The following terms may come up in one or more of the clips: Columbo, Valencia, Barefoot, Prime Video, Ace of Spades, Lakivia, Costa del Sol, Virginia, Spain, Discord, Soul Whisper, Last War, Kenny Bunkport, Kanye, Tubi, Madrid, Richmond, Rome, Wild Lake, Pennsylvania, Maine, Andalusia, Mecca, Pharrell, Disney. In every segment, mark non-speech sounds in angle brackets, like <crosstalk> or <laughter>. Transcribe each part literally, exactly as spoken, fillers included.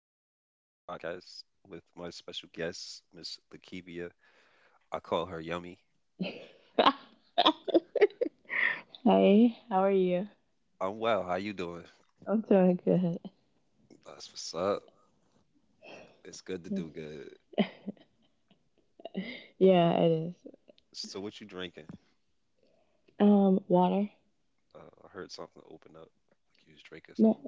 podcast with my special guest, Miss Lakivia. I call her Yummy. <laughs> Hi, how are you? I'm well. How you doing? I'm doing good. That's what's up. It's good to do good. Yeah, it is. So what you drinking? Um, water? Uh, I heard something open up. Like you was drinking No, something.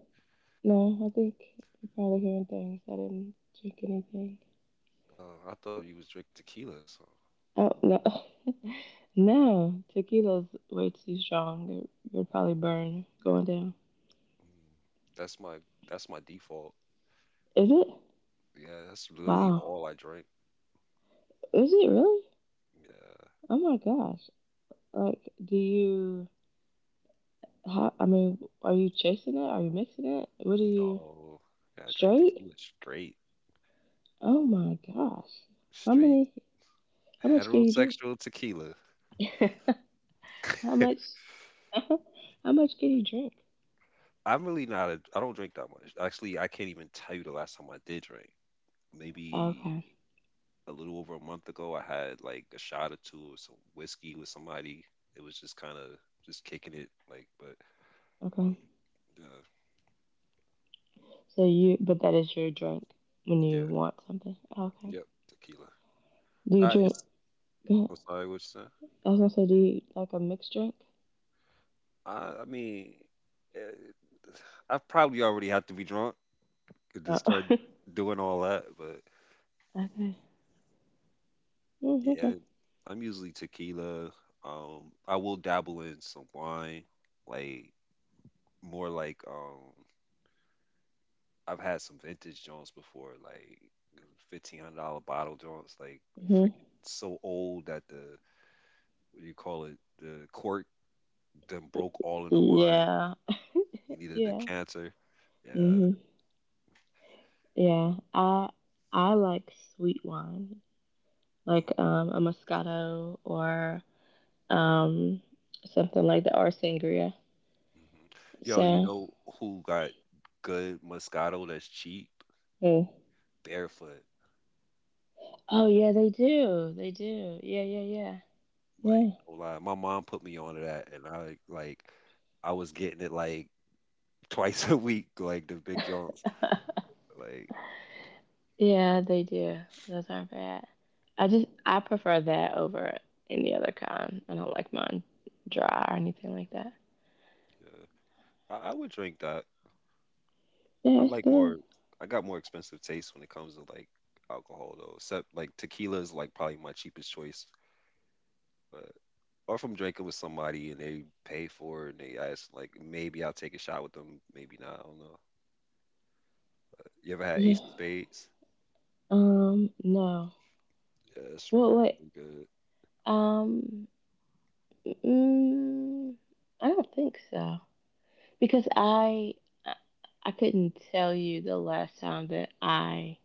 no, I think you're probably hearing things. I didn't drink anything. Uh, I thought you was drinking tequila. So Oh, no. <laughs> no, tequila's way too strong. It would probably burn going down. mm, that's my that's my default. Is it? Yeah, that's literally Wow. all I drink. Is it really? Yeah. Oh my gosh. Like, do you, how, I mean, are you chasing it? Are you mixing it? What do you, No. Yeah, I drink straight? tequila straight, Oh my gosh. How straight many how much can you heterosexual tequila. drink? <laughs> how much <laughs> <laughs> how much can you drink? I'm really not a I don't drink that much. Actually, I can't even tell you the last time I did drink. Maybe Okay. a little over a month ago, I had like a shot or two of some whiskey with somebody. It was just kind of just kicking it, like, but Okay. uh, So you but that is your drink when you yeah, want something. Okay. yep, tequila. Do you Uh, drink it's go ahead. I'm sorry, what you said? I was gonna say do you like a mixed drink? I, I mean, eh, I probably already have to be drunk to Oh. start <laughs> doing all that, but okay. Mm, yeah, okay. I'm usually tequila. Um, I will dabble in some wine, like more like um I've had some vintage joints before, like fifteen hundred dollar bottle joints, like Mhm. freaking so old that the what do you call it? The cork then broke all in the wine. Yeah. You need a Yeah. decanter. Yeah. Mhm. Yeah. I I like sweet wine. Like um a Moscato or um, something like that, or sangria. Mm-hmm. Yo, you So, know who got good Moscato that's cheap? mm. Barefoot. Oh yeah, they do, they do. Yeah, yeah, Like, yeah, no lie. My mom put me onto that, and I like I was getting it like <laughs> twice a week, like the big joints. yeah, Like, <laughs> yeah, they do. Those aren't bad. I just I prefer that over any other kind. I don't like mine dry or anything like that. yeah, I, I would drink that. I Yeah, it's like good. more. I got more expensive taste when it comes to like alcohol though. Except like tequila is like probably my cheapest choice. But or if I'm drinking with somebody and they pay for it and they ask like maybe I'll take a shot with them, maybe not. I don't know. You ever had Ace of Yeah. Spades? Um. No. Yeah, it's Well, wait. really good. Um. Mm, I don't think so because I I couldn't tell you the last time that I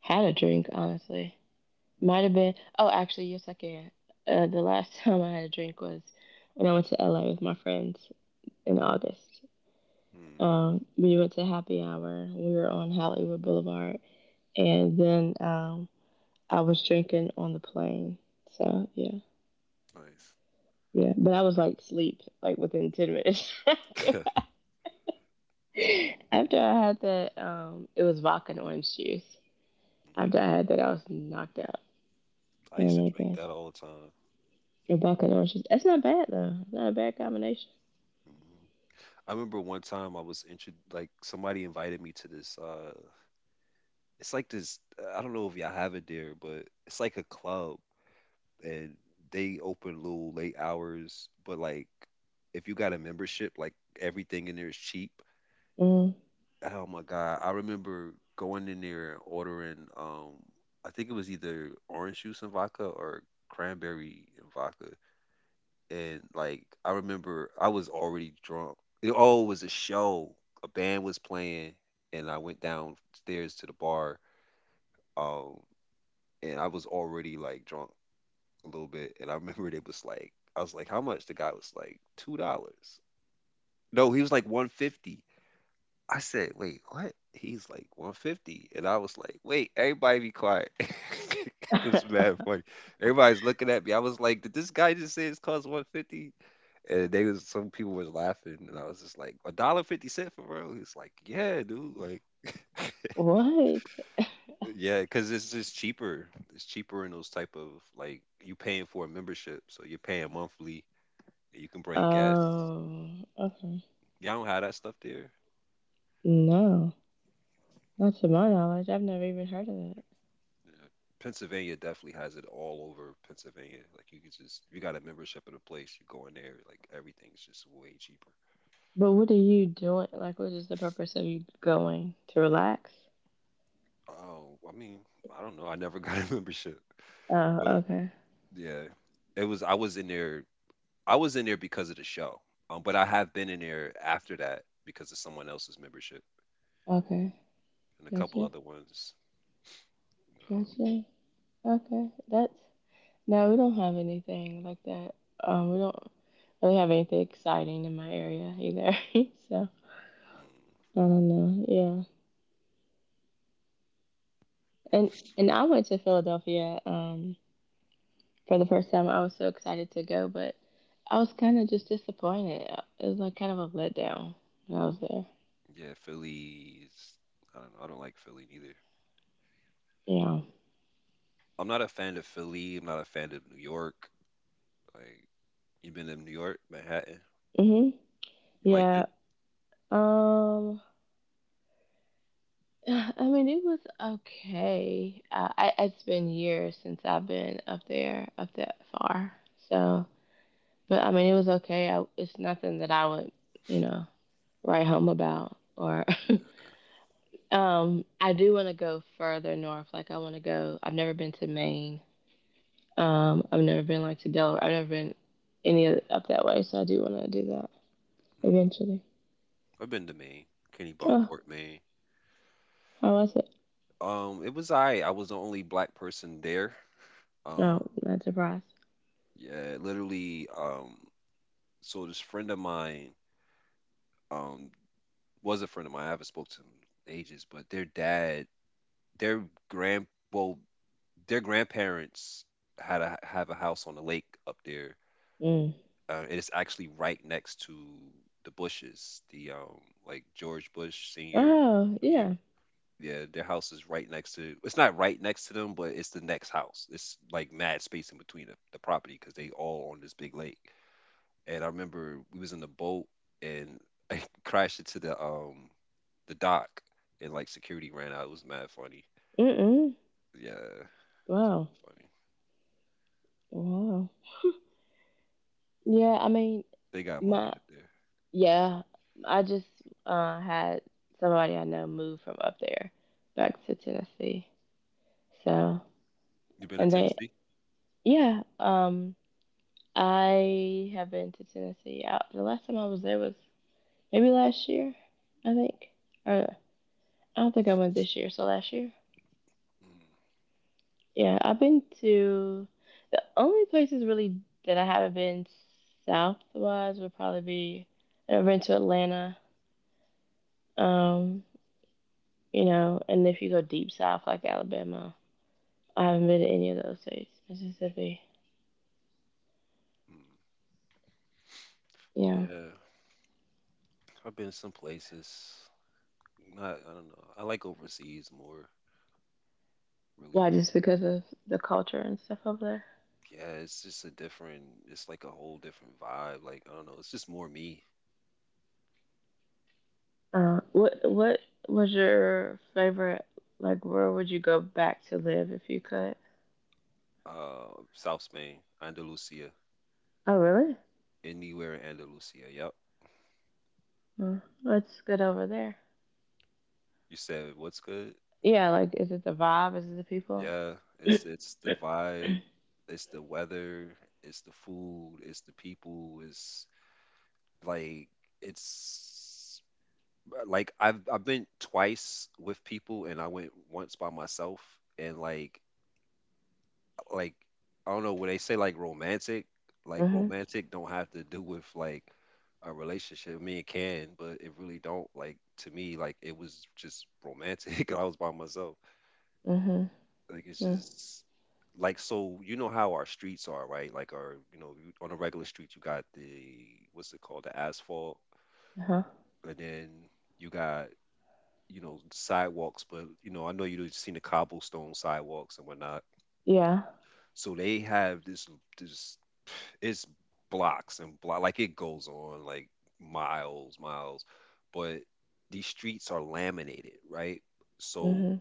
had a drink, honestly. Might have been. Oh, actually, yes, I can. Uh, the last <laughs> time I had a drink was when I went to L A with my friends in August. Mm-hmm. Um, we went to happy hour. We were on Hollywood Boulevard, and then um, I was drinking on the plane. So yeah, Nice. yeah. But I was like sleep like within ten minutes <laughs> after I, after I had that. Um, it was vodka and orange juice. After I hmm had that, I was knocked out. I used to Oh my drink gosh. that all the time. A bucket of oranges. That's not bad though. It's not a bad combination. hmm I remember one time I was intro like somebody invited me to this. uh It's like this. I don't know if y'all have it there, but it's like a club and they open little late hours, but like if you got a membership, like everything in there is cheap. Mm. Oh my god, I remember going in there and ordering um I think it was either orange juice and vodka or cranberry and vodka. And like I remember I was already drunk. It all was a show. A band was playing and I went downstairs to the bar um and I was already like drunk a little bit, and I remember it was like I was like, how much? The guy was like two dollars. No, he was like one fifty. I said, wait, what? He's like one fifty, and I was like, wait, everybody be quiet. <laughs> it was mad funny. <laughs> Everybody's looking at me. I was like, did this guy just say his cost one fifty? And they was some people was laughing, and I was just like, a dollar fifty cent for real? He's like, yeah, dude, like. <laughs> what? Yeah, because it's just cheaper. It's cheaper in those type of like you paying for a membership, so you're paying monthly. You can bring guests. Um. Okay. Y'all don't have that stuff there. No, not to my knowledge. I've never even heard of it. Yeah. Pennsylvania definitely has it all over Pennsylvania. Like you could just, if you got a membership at a place, you go in there, like everything's just way cheaper. But what are you doing? Like, what is the purpose of you going to relax? Oh, I mean, I don't know. I never got a <laughs> membership, Oh, but okay. yeah, it was. I was in there. I was in there because of the show. Um, but I have been in there after that because of someone else's membership Okay. and a couple Gotcha. other ones. Uh, Gotcha. Okay. That's no, we don't have anything like that. Um, we don't really have anything exciting in my area either. <laughs> so mm, I don't know. Yeah, And and I went to Philadelphia um, for the first time. I was so excited to go, but I was kind of just disappointed. It was like kind of a letdown when I was there. yeah, Phillies. I don't know. I don't like Philly neither. Yeah. I'm not a fan of Philly. I'm not a fan of New York. Like, you've been to New York, Manhattan. Mhm. You liked it? Yeah. Um. <sighs> I mean, it was okay. Uh, I it's been years since I've been up there, up that far. So, but I mean, it was okay. I, it's nothing that I would, you know, write home about or Um, I do want to go further north. Like I want to go. I've never been to Maine. Um, I've never been like to Delaware. I've never been any of- up that way. So I do want to do that Mm. eventually. I've been to Maine, Kenny Oh, Bunkport, Maine. how was it? Um, it was I. I was the only black person there. Um, No, not surprised. yeah, literally. Um, so this friend of mine, um, was a friend of mine. I haven't spoke to him in ages, but their dad, their grand, well, their grandparents had a have a house on the lake up there. Mm. Uh, and it's actually right next to the Bushes, the um like George Bush Senior, Oh Junior. yeah. Yeah, their house is right next to. It's not right next to them, but it's the next house. It's like mad space in between the, the property because they all on this big lake. And I remember we was in the boat and <laughs> I crashed into the um the dock and like security ran out. It was mad funny. Mm-mm. Yeah, Wow. funny. Wow. Yeah. I mean, They got my money up there. yeah. I just uh had somebody I know move from up there back to Tennessee. So You been to and they Tennessee? yeah. Um I have been to Tennessee. I, the last time I was there was maybe last year, I think. Or I don't think I went this year, so last year. Mm, Yeah, I've been to the only places really that I haven't been south wise would probably be I've been to Atlanta. Um, you know, and if you go deep south like Alabama, I haven't been to any of those states. Mississippi. mm. Yeah. Yeah, I've been some places. I, I don't know. I like overseas more. Really Why? do. Just because of the culture and stuff over there. Yeah, it's just a different. It's like a whole different vibe. Like I don't know. It's just more me. Uh, what what was your favorite? Like, where would you go back to live if you could? Uh, South Spain, Andalusia, Oh, really? anywhere in Andalusia. Yep. Mm, what's good over there? You said what's good? Yeah, like, is it the vibe? Is it the people? Yeah. <clears throat> It's it's the vibe. It's the weather. It's the food. It's the people. It's like it's like I've I've been twice with people, and I went once by myself, and like like I don't know when they say like romantic, like mhm. romantic don't have to do with like a relationship. I mean, it can, but it really don't. Like to me, like it was just romantic. <laughs> I was by myself. Mhm. Like it's Mm, just like so you know how our streets are, right? Like our you know you- on a regular street you got the what's it called the asphalt, uh huh. and then you got you know sidewalks. But you know I know you've seen the cobblestone sidewalks and whatnot. Yeah. So they have this this it's blocks and block like it goes on like miles miles but these streets are laminated right so Mhm.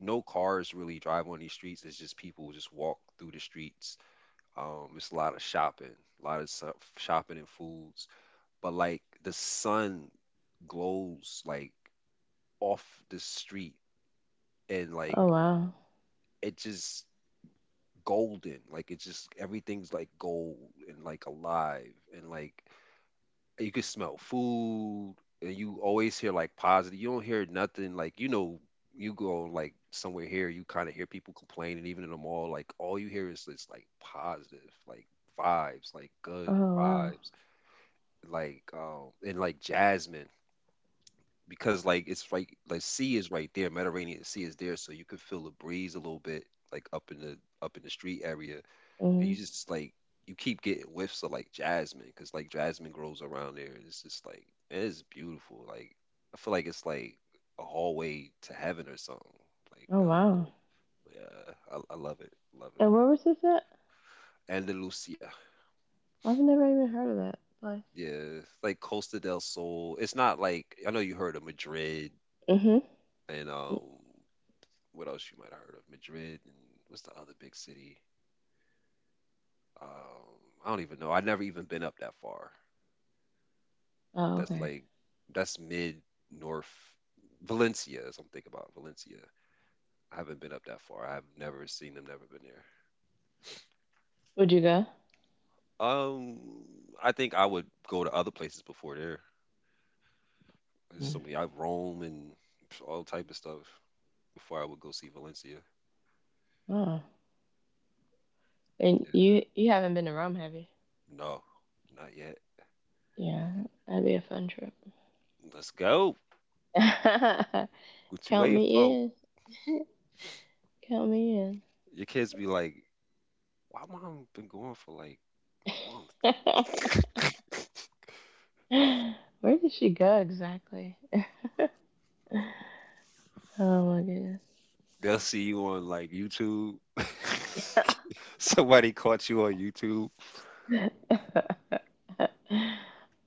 no cars really drive on these streets it's just people just walk through the streets um it's a lot of shopping a lot of so- shopping and foods but like the sun glows like off the street and Oh like wow. it just golden like it's just everything's like gold and like alive and like you can smell food and you always hear like positive you don't hear nothing like you know you go like somewhere here you kind of hear people complaining even in the mall like all you hear is this like positive like vibes like Oh good wow. vibes like um and like jasmine because like it's like like sea is right there Mediterranean Sea is there so you can feel the breeze a little bit like up in the up in the street area and you Mhm. just like you keep getting whiffs of like jasmine because like jasmine grows around there and it's just like it is beautiful like I feel like it's like a hallway to heaven or something like Oh uh, wow. yeah I, I love it love it And where was this at? Andalusia, I've never even heard of that place. yeah, it's like Costa del Sol. It's not like I know you heard of Madrid Mhm. and um what else you might have heard of Madrid and what's the other big city um I don't even know I've never even been up that far. Oh That's okay. like that's mid north. Valencia is what I'm thinking about. Valencia. I haven't been up that far. I've never seen them, never been there. Would you go? Um I think I would go to other places before there. There's so Mm. many I've Rome and all type of stuff before I would go see Valencia. Oh. And Yeah. you you haven't been to Rome, have you? No, not yet. Yeah, that'd be a fun trip. Let's go. <laughs> What you Count waiting me for? in. Count me Your kids be like, why mom been going for like a month? in. <laughs> <laughs> Where did she go exactly? <laughs> Oh my goodness. They'll see you on like YouTube. <laughs> Somebody caught you on YouTube. <laughs>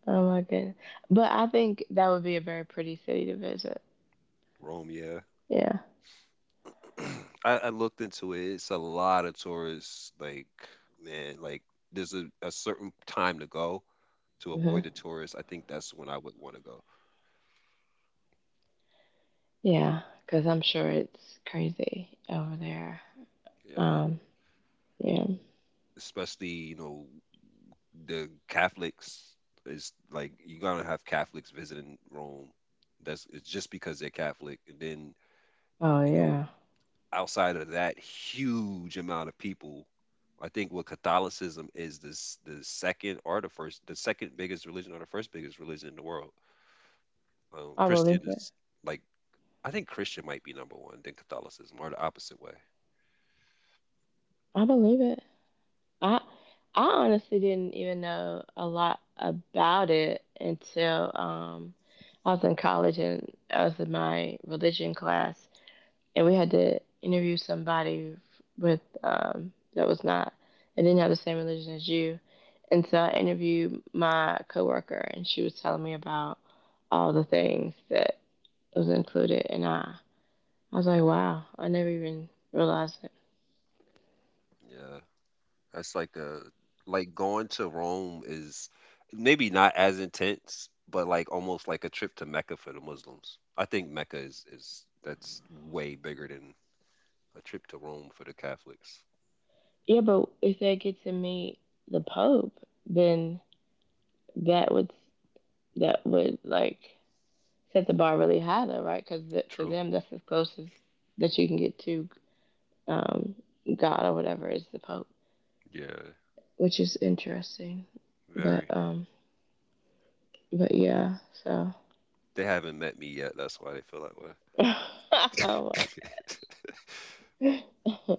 oh my goodness. But I think that would be a very pretty city to visit. Rome, yeah. Yeah. <clears throat> I, I looked into it. It's a lot of tourists. Like, man, like there's a, a certain time to go to avoid Hmm. the tourists. I think that's when I would want to go. Yeah, because I'm sure it's crazy over there. Yeah. Um. Yeah. Especially, you know, the Catholics is like you gotta have Catholics visiting Rome. That's it's just because they're Catholic. And then, Oh you know, yeah. outside of that huge amount of people, I think what Catholicism is this the second or the first the second biggest religion or the first biggest religion in the world. Um, I believe Christian it. is like I think Christian might be number one, then Catholicism or the opposite way. I believe it. I I honestly didn't even know a lot about it until um I was in college and I was in my religion class and we had to interview somebody f- with um that was not that didn't have the same religion as you. And so I interviewed my coworker and she was telling me about all the things that was included and I I was like, wow, I never even realized it. Yeah, that's like a like going to Rome is maybe not as intense, but like almost like a trip to Mecca for the Muslims. I think Mecca is is that's way bigger than a trip to Rome for the Catholics. Yeah, but if they get to meet the Pope, then that would that would like set the bar really high though right because th- to True. them that's as close as that you can get to um god or whatever is the pope Yeah. which is interesting but Very. um but yeah so They haven't met me yet. That's why they feel that way. <laughs> oh my <laughs> god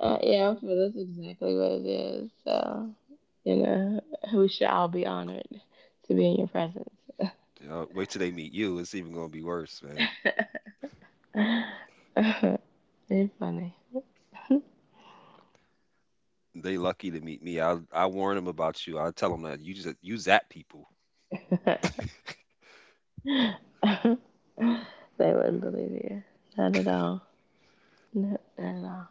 uh, yeah for that's exactly what it is so you know we shall all be honored to be in your presence You know, wait till they meet you. It's even gonna be worse, man. <laughs> it's funny They lucky to meet me. I I warn them about you. I tell them that you just you zap people. <laughs> <laughs> they wouldn't believe you. Not at all. No, not at all.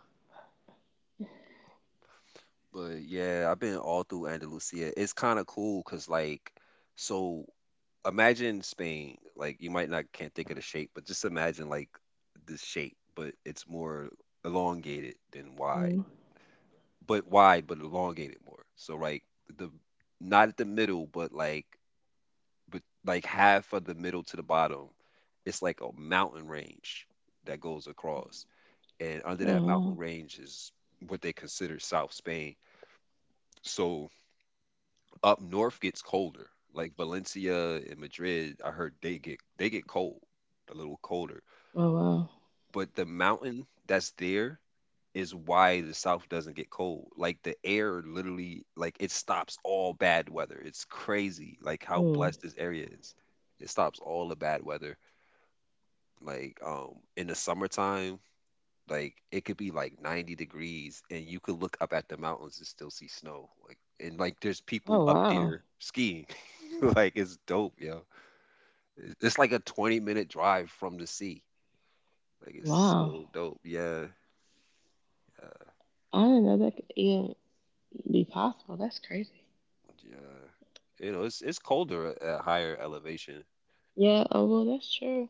But yeah, I've been all through Andalusia. It's kind of cool because like, so imagine Spain. Like you might not can't think of the shape, but just imagine like this shape, but it's more elongated than wide. Mm. But wide, but elongated more. So like the not at the middle, but like but like half of the middle to the bottom, it's like a mountain range that goes across. And under Oh, that wow. mountain range is what they consider South Spain. So up north gets colder. Like Valencia and Madrid, I heard they get they get cold, a little colder. Oh, wow. But the mountain that's there is why the south doesn't get cold. Like the air literally like it stops all bad weather. It's crazy like how Mm. blessed this area is. It stops all the bad weather like um in the summertime like it could be like ninety degrees and you could look up at the mountains and still see snow like and like there's people Oh, up wow. there skiing <laughs> like it's dope yo. It- it's like a twenty minute drive from the sea, like it's Wow. so dope, yeah, yeah, I didn't know that could even be possible. That's crazy. yeah, you know it's it's colder at at higher elevation. Yeah, oh, well, that's true.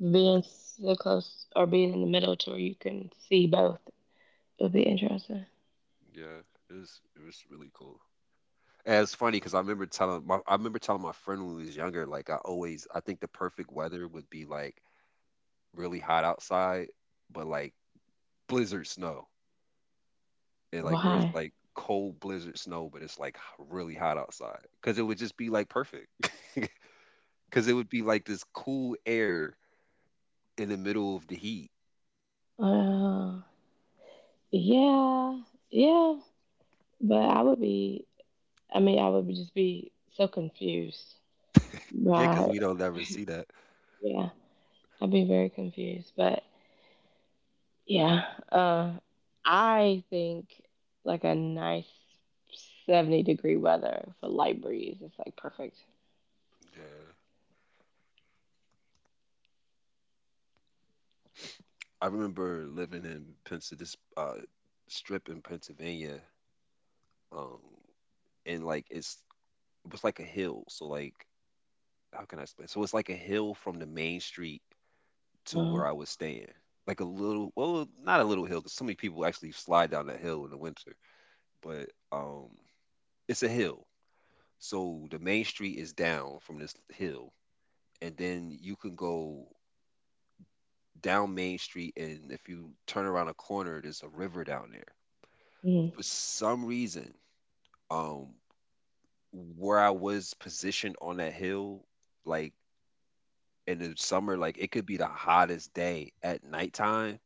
Being so close or being in the middle to where you can see both would be Mm, interesting. yeah, it was it was really cool. And it's funny because I remember telling my I remember telling my friend when we was younger, like I always I think the perfect weather would be like really hot outside, but like blizzard snow. And like where it's Why? like cold blizzard snow, but it's like h- really hot outside. Cause it would just be like perfect. <laughs> Cause it would be like this cool air in the middle of the heat. Uh, yeah, yeah. But I would be, I mean, I would just be so confused Yeah, cause by we don't ever see that. Yeah, I'd be very confused. But yeah, uh, I think like a nice seventy degree weather for light breeze is like perfect. Yeah. I remember living in Pennsylvania, this uh, strip in Pennsylvania. Um, and like it's it was like a hill. So like how can I explain? So it's like a hill from the main street to Uh, where I was staying. Like a little, well, not a little hill, because so many people actually slide down that hill in the winter. But um, it's a hill, so the main street is down from this hill, and then you can go down Main Street, and if you turn around a corner, there's a river down there. mm, For some reason, um, where I was positioned on that hill, like in the summer, like it could be the hottest day at nighttime.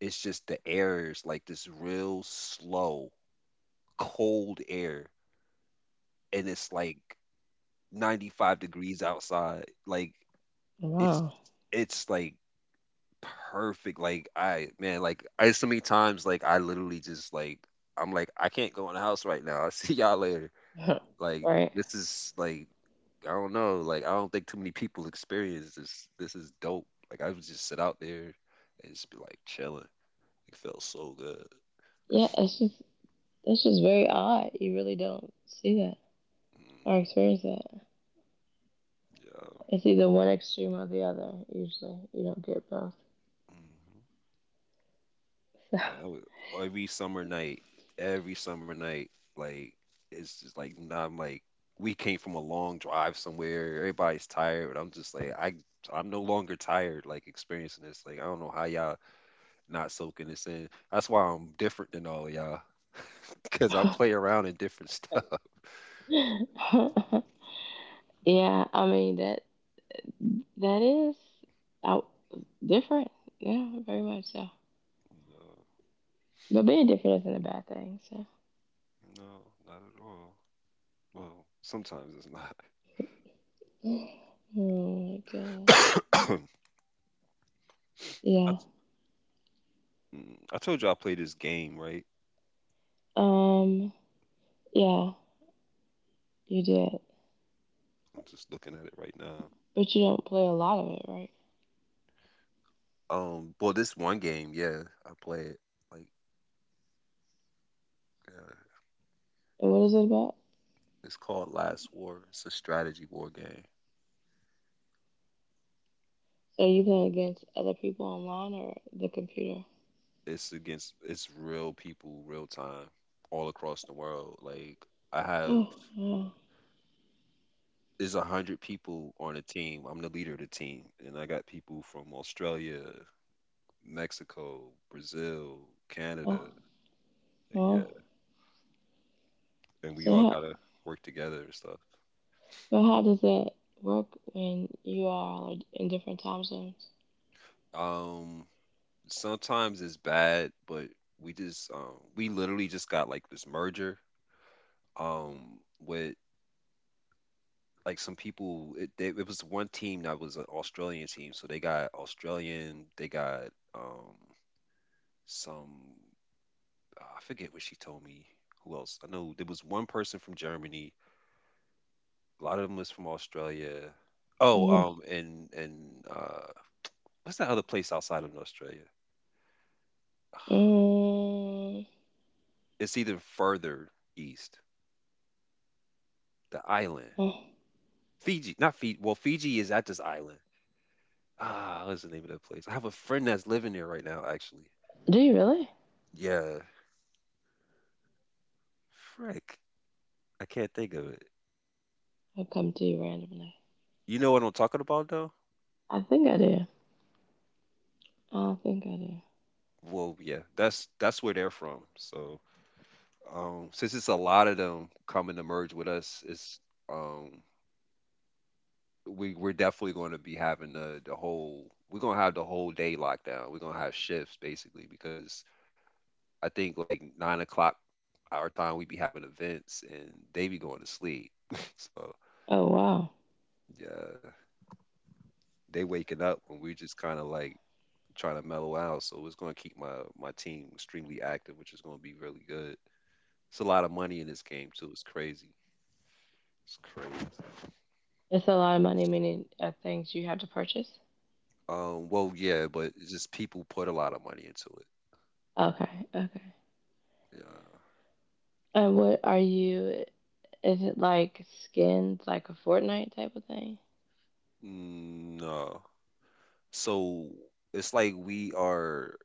It's just the air is like this real slow, cold air, and it's like ninety-five degrees outside. Like it's wow. it's like perfect. Like I man, like I so many times like I literally just like I'm like I can't go in the house right now. <laughs> I'll see y'all later. <laughs> Like right. this is like I don't know. Like I don't think too many people experience this. This is dope. Like I would just sit out there and just be like chilling. It felt so good. Yeah, it's just, it's just very odd. You really don't see that or Mm, experience that. yeah. It's either one extreme or the other. Usually, you don't get both. Mhm. So. Yeah, that was, every summer night, every summer night, like it's just like nah, I'm like we came from a long drive somewhere. Everybody's tired, but I'm just like I I'm no longer tired. Like experiencing this, like I don't know how y'all not soaking this in. That's why I'm different than all y'all, <laughs> because I play around in different <laughs> stuff. <laughs> yeah, I mean that that is out different. Yeah, very much so. No, But being different isn't a bad thing. So, no, not at all. Well, sometimes it's not. oh my gosh, <coughs> I, yeah, t- mm, I told you I play this game, right? um, yeah, you did, I'm just looking at it right now. but you don't play a lot of it, right? Um, well, this one game, yeah, I played. Like, uh, And what is it about? it's called Last War. It's a strategy war game. So are you playing against other people online or the computer? It's against it's real people, real time, all across the world. Like, I Oh, have oh, there's a hundred people on a team. I'm the leader of the team, and I got people from Australia, Mexico, Brazil, Canada. oh, Like, yeah, oh. and we So all how, gotta work together and stuff. well, how does that work when you are in different time zones? Um, Sometimes it's bad, but we just um we literally just got like this merger um with like some people it, they, it was one team that was an Australian team, so they got Australian, they got um some, I forget what she told me who else. I know there was one person from Germany, a lot of them was from Australia. Oh, Mm-hmm. um and and uh what's that other place outside of Australia? <sighs> Mm. It's even further east, the island. Oh. Fiji, not Fiji, well Fiji is at this island. Ah, what's the name of that place? I have a friend that's living there right now actually. Do you really? Yeah. Frick. I can't think of it. I'll come to you randomly. You know what I'm talking about though? I think I do. I think I do. Well, yeah. That's that's where they're from. So, um since it's a lot of them coming to merge with us, it's um we we're definitely going to be having the the whole we're going to have the whole day lockdown. We're going to have shifts basically because I think like nine o'clock our time we be having events and they be going to sleep. <laughs> So, Oh wow, yeah, they waking up when we just kind of like trying to mellow out. So it's going to keep my my team extremely active, which is going to be really good. It's a lot of money in this game too. It's crazy. It's crazy. it's a lot of money. Meaning uh, things you have to purchase. Um, well, yeah, but it's just people put a lot of money into it. Okay, okay. Yeah. And what are you? Is it like skins, like a Fortnite type of thing? Mm, no. So it's like we are.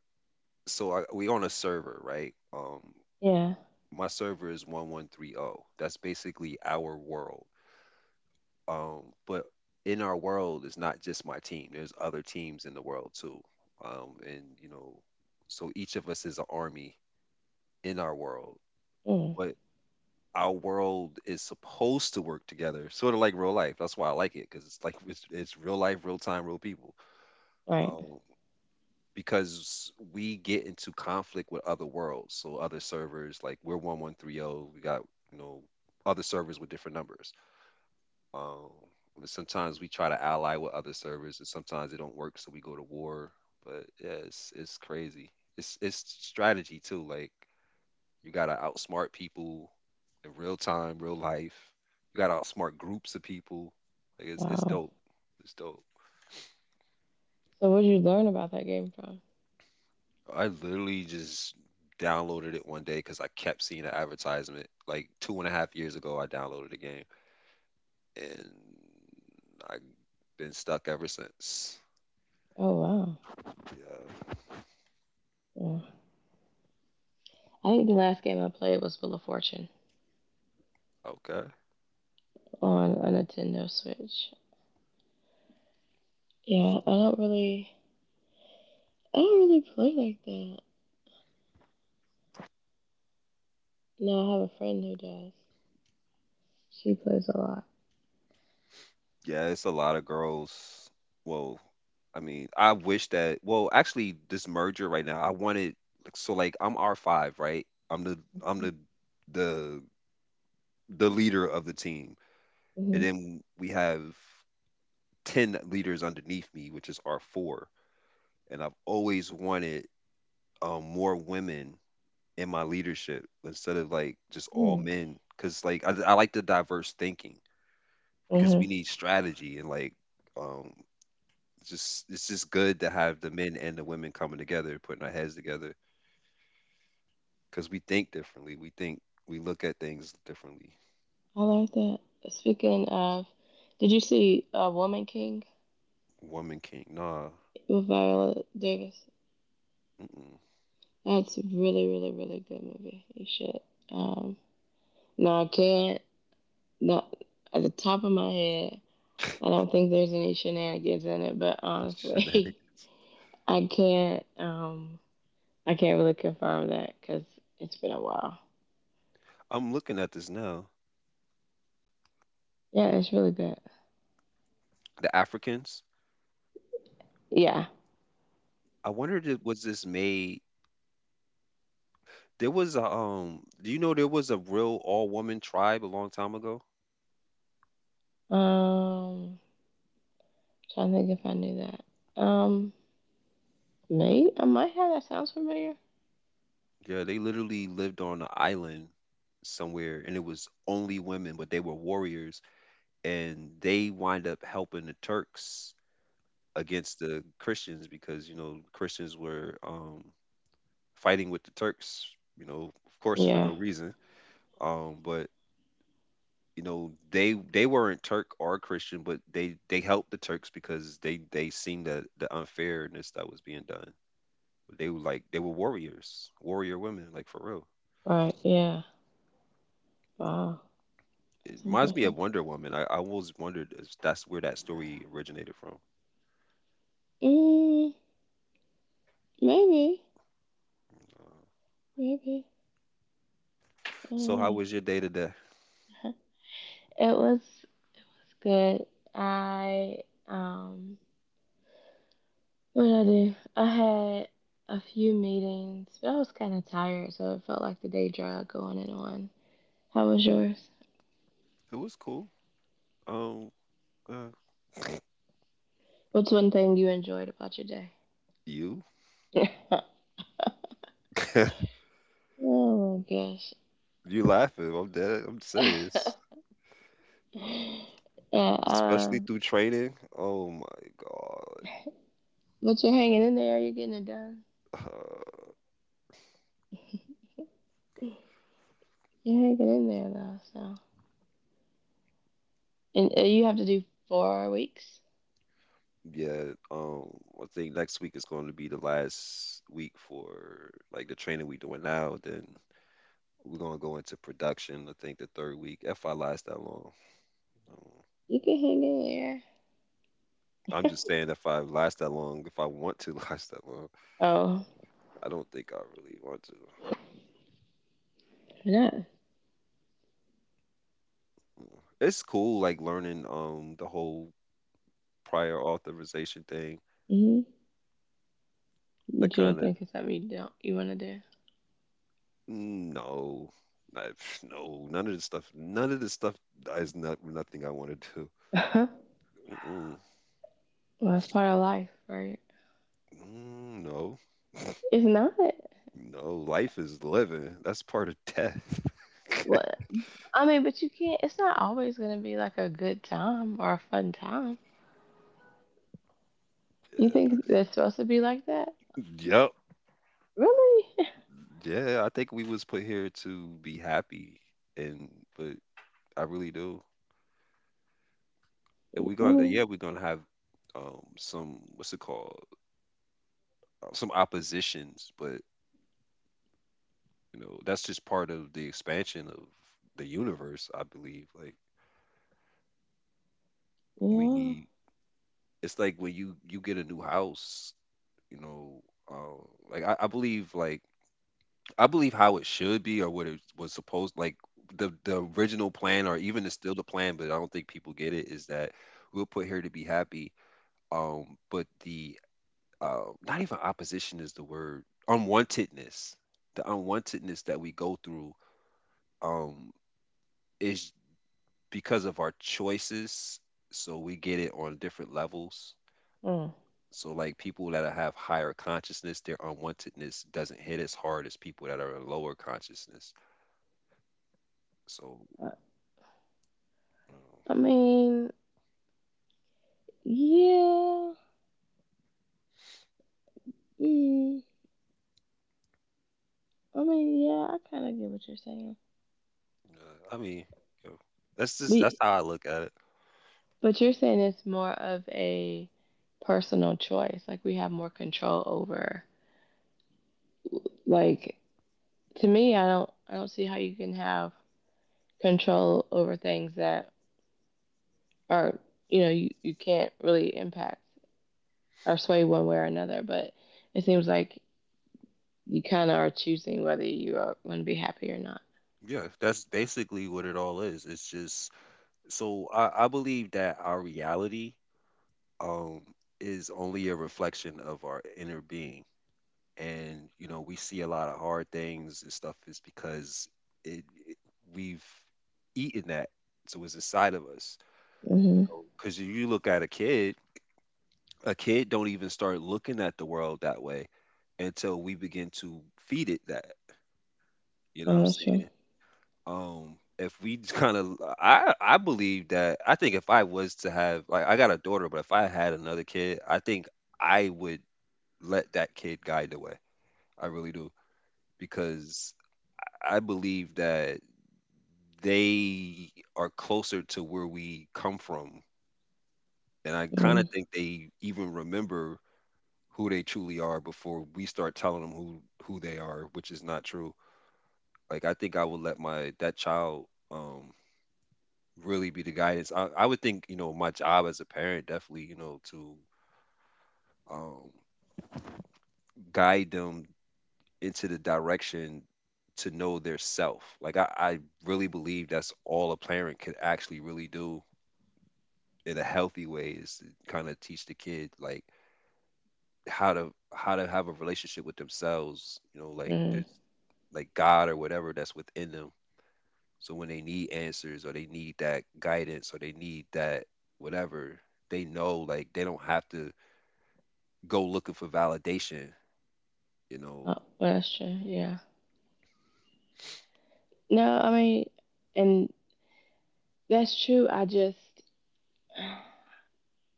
So I, we on a server, right? Um, Yeah. My server is one one three zero. That's basically our world. Um, but in our world, it's not just my team. There's other teams in the world too. Um, and you know, so each of us is an army in our world, Mm, but our world is supposed to work together, sort of like real life. That's why I like it because it's like it's, it's real life, real time, real people. right. Um, because we get into conflict with other worlds, so other servers. Like we're one one three zero. We got you know other servers with different numbers. Um, but sometimes we try to ally with other servers, and sometimes it don't work, so we go to war. But yeah, it's it's crazy. It's it's strategy too. Like you gotta outsmart people in real time, real life. You gotta outsmart groups of people. Like it's it's Wow. dope. It's dope. So what did you learn about that game from? I literally just downloaded it one day because I kept seeing an advertisement. Like two and a half years ago, I downloaded the game, and I've been stuck ever since. Oh wow. Yeah. Yeah. I think the last game I played was Wheel of Fortune Okay. on a Nintendo Switch. Yeah, I don't really, I don't really play like that. No, I have a friend who does. She plays a lot. Yeah, it's a lot of girls. Well, I mean, I wish that. Well, actually, this merger right now, I wanted. Like, so, like, I'm R five, right? I'm the I'm Mm-hmm. the the the leader of the team, and then we have ten leaders underneath me, which is R four. And I've always wanted um, more women in my leadership instead of like just all Mm-hmm. men, because like I, I like the diverse thinking because we Mm-hmm. need strategy and like. Um, just it's just good to have the men and the women coming together, putting our heads together, because we think differently. We think we look at things differently. I like that. Speaking of, did you see uh, Woman King Woman King, nah, with Viola Davis? mm-mm. That's a really, really, really good movie. You should. Um, now I can't. Not at the top of my head. I don't think there's any shenanigans in it, but <laughs> Shenetic- honestly, <laughs> I can't. Um, I can't really confirm that because it's been a while. I'm looking at this now. Yeah, it's really good. The Africans. Yeah. I wondered, did- was this made? There was a um. Do you know there was a real all woman tribe a long time ago? Um, trying to think if I knew that. Um, maybe I might have. That sounds familiar. Yeah, they literally lived on an island somewhere, and it was only women, but they were warriors, and they wind up helping the Turks against the Christians because you know Christians were um, fighting with the Turks, you know, of course for Yeah. no reason. Um, but you know they they weren't Turk or Christian, but they they helped the Turks because they they seen the the unfairness that was being done. They were like they were warriors, warrior women, like for real. Right. Yeah. Wow. It That's reminds me of impressive. Wonder Woman. I, I always wondered if that's where that story originated from. Mm, maybe. Uh, Maybe. I don't so how know. was your day today? <laughs> It was good. I um. What did I do? I had a few meetings, but I was kind of tired, so it felt like the day drug going and on. How was yours? It was cool. Um, uh, What's one thing you enjoyed about your day? you? <laughs> <laughs> oh my You laughing? I'm dead. I'm gosh. serious. <laughs> And uh, Especially through training. Oh my God. but you're hanging in there. You're getting it done. Uh, You're hanging in there though. So and uh, you have to do four weeks. yeah. Um. I think next week is going to be the last week for like the training we doing now. Then we're gonna go into production. I think the third week, if I last that long. Um, You can hang in I'm there. just saying, if I last that long, if I want to <laughs> last that long, <laughs> oh, I don't think I really want to. yeah. Mm. It's cool, like learning um the whole prior authorization thing. Hmm. That But you don't kind of think it's something you don't you want to do? No, I, no, none of this stuff. None of this stuff is not nothing I want to do. <laughs> well, Mm-mm. that's part of life, right? Mm, no, <laughs> It's not. no. Life is living. That's part of death. What I mean, but you can't. It's not always gonna be like a good time or a fun time. You <laughs> think that's supposed to be like that? Yeah. Yep. Really? <laughs> Yeah. I think we was put here to be happy, and but I really do. And I we're gonna, yeah, mean, we're gonna have um some what's it called? Uh, Some oppositions, but you know that's just part of the expansion of the universe, I believe. Like we yeah. need, it's like when you you get a new house, you know, um, like I, I believe like I believe how it should be or what it was supposed, like the the original plan, or even it's still the plan, but I don't think people get it, is that we are put here to be happy. Um, but the uh, not even opposition is the word, unwantedness, the unwantedness that we go through um, is because of our choices. So we get it on different levels. Hmm. So like people that have higher consciousness, their unwantedness doesn't hit as hard as people that are in lower consciousness. So, uh, I mean, yeah. Mm, I mean, yeah, I kind of get what you're saying. uh, I mean, you know, that's just that's We, how I look at it. but you're saying it's more of a personal choice. Like we have more control over. Like to me, I don't, I don't see how you can have control over things that are, you know, you, you can't really impact or sway one way or another. But it seems like you kind of are choosing whether you are going to be happy or not. Yeah, that's basically what it all is. It's just, so I, I believe that our reality um is only a reflection of our inner being. And you know, we see a lot of hard things and stuff is because it, it we've eaten that, so it's inside of us. Mhm. Because you look at a kid, a kid don't even start looking at the world that way until we begin to feed it that. You know what I'm Oh, that's true. saying? Um, if we kind of, I I believe that, I think if I was to have, like I got a daughter, but if I had another kid, I think I would let that kid guide the way. I really do, because I believe that they are closer to where we come from, and I kind Hmm. of think they even remember who they truly are before we start telling them who who they are, which is not true. Like I think I would let my that child um really be the guidance. I, I would think, you know, my job as a parent definitely, you know, to um guide them into the direction to know their self. Like I, I really believe that's all a parent could actually really do in a healthy way, is to kind of teach the kid like how to how to have a relationship with themselves, you know, like Hmm. there's like God or whatever that's within them. So when they need answers or they need that guidance or they need that, whatever, they know, like they don't have to go looking for validation, you know. Oh, well, that's true. Yeah. No, I mean, and that's true. I just,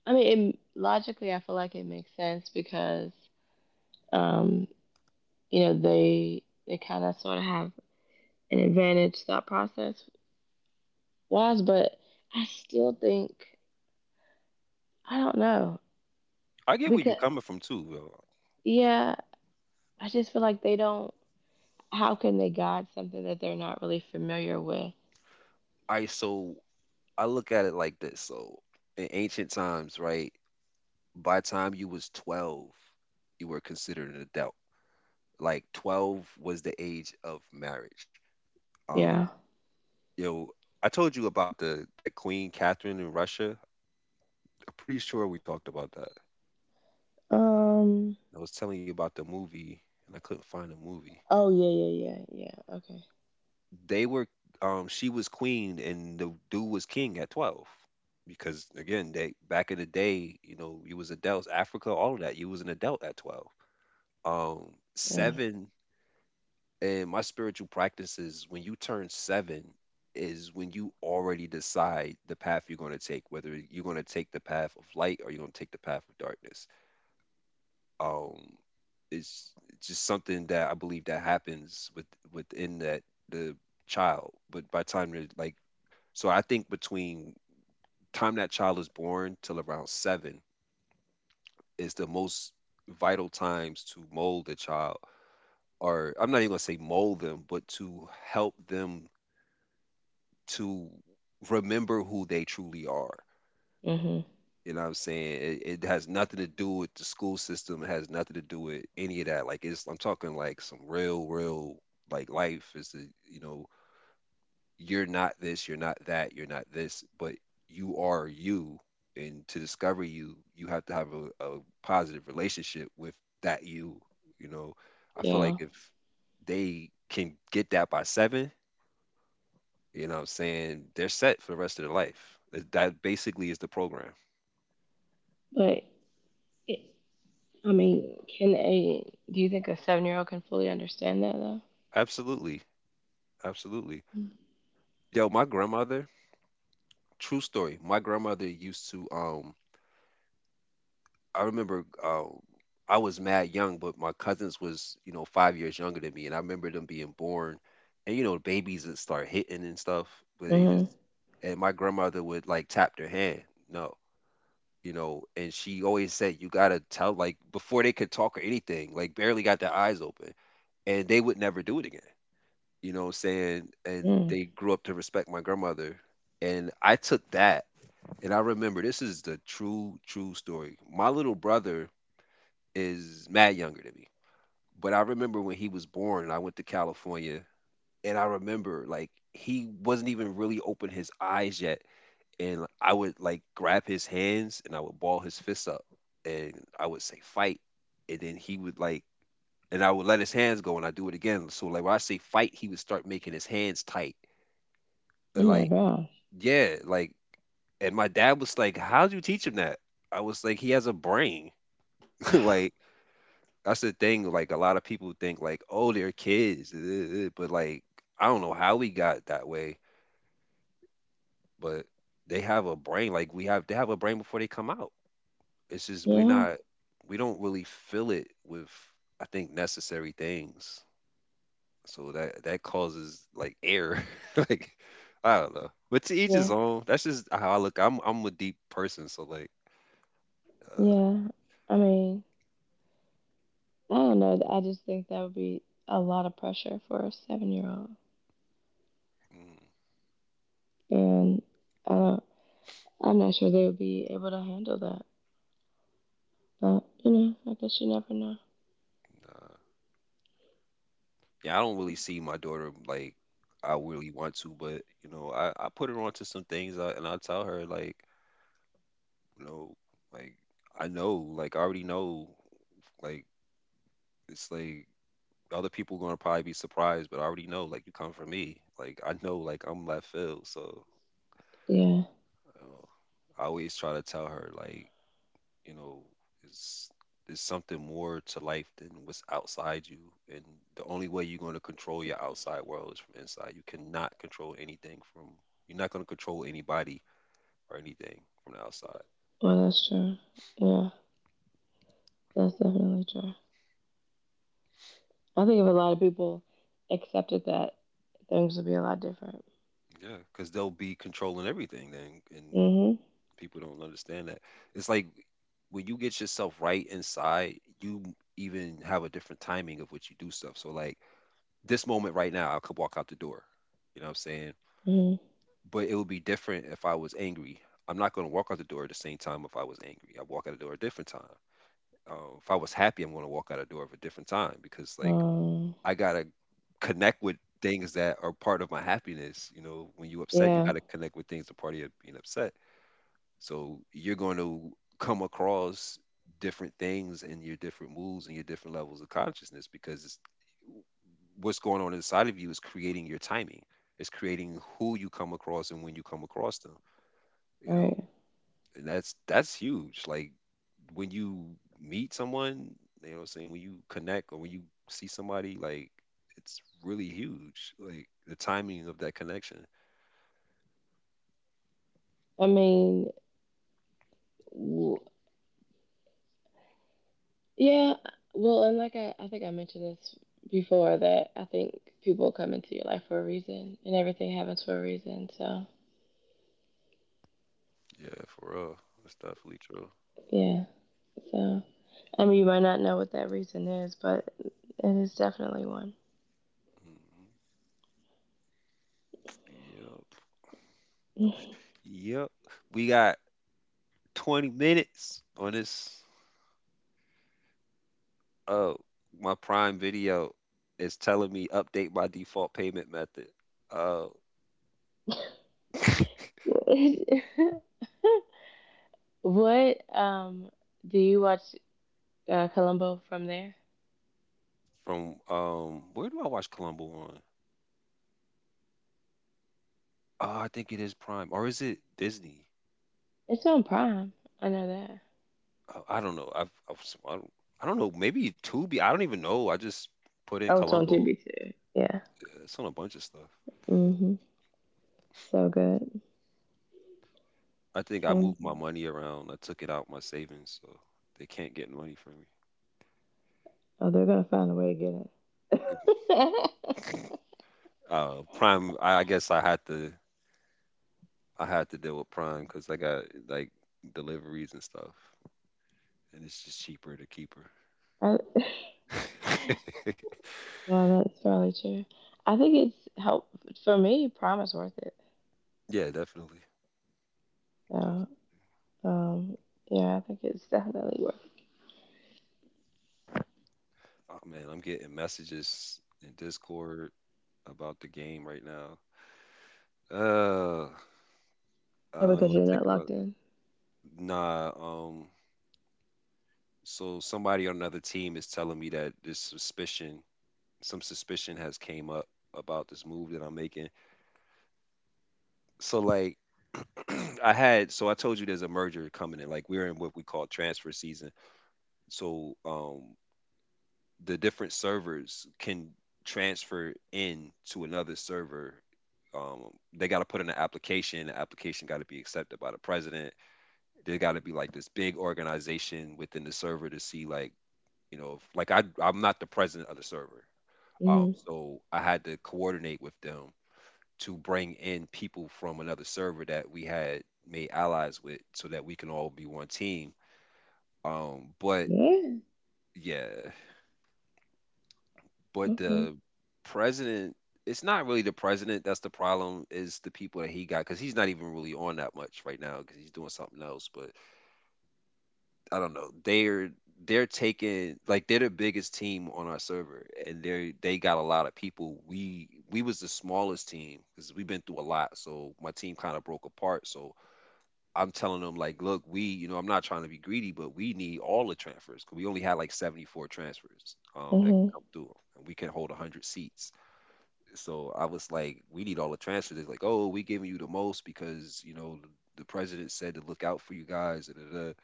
I mean, it, logically, I feel like it makes sense because, um, you know, they they kind of sort of have an advantage thought process wise, but I still think I don't know I get where you because coming from too, bro. yeah, I just feel like they don't. How can they guide something that they're not really familiar with? I so I look at it like this. So in ancient times, right, by the time you was twelve, you were considered an adult. Like twelve was the age of marriage. Um, Yeah. Yo, I told you about the that Queen Catherine in Russia. I'm pretty sure we talked about that. Um. I was telling you about the movie, and I couldn't find the movie. Oh yeah, yeah, yeah, yeah. Okay. They were, um, she was queen, and the dude was king at twelve. Because again, they back in the day, you know, you was adults, Africa, all of that. You was an adult at twelve. Um, Mm, Seven, and my spiritual practices, when you turn seven, is when you already decide the path you're going to take, whether you're going to take the path of light or you're going to take the path of darkness. Um, it's it's just something that I believe that happens with within that the child. But by time they're like, so I think between time that child is born till around seven is the most vital times to mold a child, or I'm not even gonna say mold them, but to help them to remember who they truly are. mhm. You know what I'm saying? It, it has nothing to do with the school system. It has nothing to do with any of that. Like it's, I'm talking like some real, real, like life is the, you know, you're not this, you're not that, you're not this, but you are you. And to discover you, you have to have a, a positive relationship with that you. You know, I feel like Yeah. if they can get that by seven, you know what I'm saying, they're set for the rest of their life. That that basically is the program. But it, I mean, can a do you think a seven year old can fully understand that though? Absolutely. Absolutely. Yo, my grandmother, true story. My grandmother used to um I remember uh, I was mad young, but my cousins was, you know, five years younger than me, and I remember them being born, and you know, babies that start hitting and stuff, but they just, Mm-hmm. and my grandmother would like tap their hand. No, you know, and she always said you gotta tell, like before they could talk or anything, like barely got their eyes open. And they would never do it again. You know what I'm saying? And Mm. they grew up to respect my grandmother. And I took that. And I remember, this is the true, true story, my little brother is mad younger than me. But I remember when he was born, I went to California, and I remember like he wasn't even really open his eyes yet. And I would like grab his hands and I would ball his fists up, and I would say fight. And then he would like, and I would let his hands go and I do it again. So like when I say fight, he would start making his hands tight. Oh And my like, gosh. yeah, like, and my dad was like, "How'd you teach him that?" I was like, he has a brain. <laughs> Like <sighs> that's the thing. Like a lot of people think like, oh, they're kids, uh, uh, but like I don't know how we got that way, but they have a brain. Like we have, they have a brain before they come out. It's just <laughs> we're yeah. not, we don't really fill it with, I think, necessary things. So that that causes like error. <laughs> Like I don't know, but to each his Yeah. own. That's just how I look. I'm I'm a deep person, so like, uh, Yeah. I mean, I don't know. I just think that would be a lot of pressure for a seven year old, mm, and uh, I'm not sure they would be able to handle that. But you know, I guess you never know. nah. Yeah, I don't really see my daughter like I really want to, but you know, I, I put her onto some things I, and I tell her like, you know, like I know, like I already know, like it's like other people gonna probably be surprised, but I already know, like you come from me, like I know, like I'm left field, so Yeah. you know, I always try to tell her like, you know, is is something more to life than what's outside you, and the only way you're going to control your outside world is from inside. You cannot control anything from, you're not going to control anybody or anything from the outside. Well, that's true. Yeah, that's definitely true. I think if a lot of people accepted that, things would be a lot different. Yeah, because they'll be controlling everything then. And Mm-hmm. people don't understand that. It's like when you get yourself right inside you, even have a different timing of what you do stuff. So like this moment right now I could walk out the door, you know what I'm saying, Mhm. but it would be different if I was angry. I'm not going to walk out the door at the same time if I was angry. I walk out the door a different time. Uh, if I was happy, I'm going to walk out the door of a different time, because like Um. I gotta connect with things that are part of my happiness. You know, when you upset, you Yeah. gotta connect with things that part of you being upset. So you're going to come across different things in your different moods and your different levels of consciousness, because it's, what's going on inside of you is creating your timing. It's creating who you come across and when you come across them, you know. Right. And that's that's huge. Like when you meet someone, you know what I'm saying, when you connect or when you see somebody, like it's really huge. Like the timing of that connection. I mean, w- yeah. Well, and like I, I think I mentioned this before that I think people come into your life for a reason, and everything happens for a reason. So Yeah, for real. That's definitely true. yeah. So I mean, you might not know what that reason is, but it is definitely one. hmm Yep. <laughs> Yep. We got twenty minutes on this. Oh, my Prime video is telling me update my default payment method. Oh, <laughs> What um do you watch uh, Columbo from there? from um, where do I watch Columbo on? Uh, I think it is Prime, or is it Disney? It's on Prime. I know that. Uh, I don't know. I've, I've s- I don't, I don't know. Maybe Tubi. I don't even know. I just put in Oh, it's on Columbo. T V too. Yeah. Yeah, it's on a bunch of stuff. Hmm. So good. I think I So moved my good. money around. I took it out my savings, so they can't get money from Oh, they're gonna find a way to get it. me. <laughs> <laughs> uh, Prime. I, I guess I had to. I had to deal with Prime because I got like deliveries and stuff, and it's just cheaper to keep her. I, <laughs> <laughs> well, that's probably true. I think it's helped for me. Prime is worth it. Yeah, definitely. That's- So, um, yeah, I think it's definitely worth it. Oh man, I'm getting messages in Discord about the game right now. Uh, I Oh, don't because want you're to think not about locked it. in. Nah, um, so somebody on another team is telling me that this suspicion, some suspicion has came up about this move that I'm making. So like <clears throat> I had, so I told you there's a merger coming in. Like we're in what we call transfer season. So um, the different servers can transfer in to another server. Um, they got to put in an application. The application got to be accepted by the president, there got to be like this big organization within the server to see like, you know, if, like I I'm not the president of the server, um Hmm. so I had to coordinate with them to bring in people from another server that we had made allies with so that we can all be one team, um but Yeah. yeah, but Okay. the president it's not really the president that's the problem, is the people that he got, because he's not even really on that much right now because he's doing something else. But I don't know. They're they're taking, like they're the biggest team on our server, and they they got a lot of people. We we was the smallest team because we've been through a lot. So my team kind of broke apart. So I'm telling them like, look, we, you know, I'm not trying to be greedy, but we need all the transfers because we only had like seventy-four transfers um that Hmm. come through, and we can hold one hundred seats. So I was like, we need all the transfers. They're like, oh, we giving you the most because, you know, the president said to look out for you guys, da, da, da.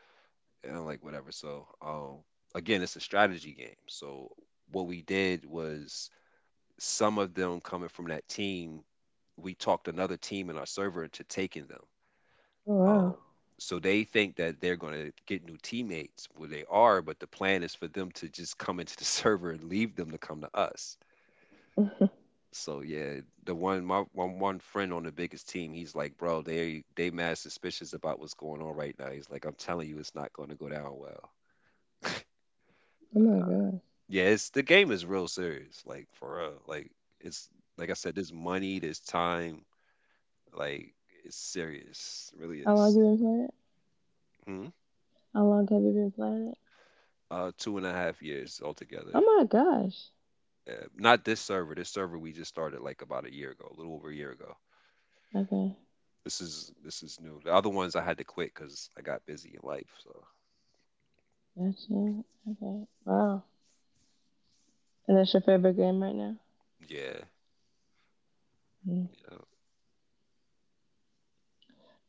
And I'm like, whatever. So um, again, it's a strategy game. So what we did was, some of them coming from that team, we talked another team in our server into taking them. Oh wow. Um, so they think that they're going to get new teammates. Well, they are, but the plan is for them to just come into the <laughs> server and leave them to come to us. <laughs> oh So yeah, the one my one, one friend on the biggest team, he's like, bro, they they mad suspicious about what's going on right now. He's like, I'm telling you, it's not going to go down well. my <laughs> gosh. Yeah, it's, the game is real serious, like for real. Like it's like I said, there's money, there's time, like it's serious. It really How long is. you been playing it? Hmm. How long have you been playing it? Uh, two and a half years Oh altogether. my gosh. Uh, not this server. This server we just started like about a year ago, a little over a year ago. Okay. This is this is new. The other ones I had to quit because I got busy in life. So Gotcha. Okay. Wow. And that's your favorite game right now? yeah, Mm. yeah.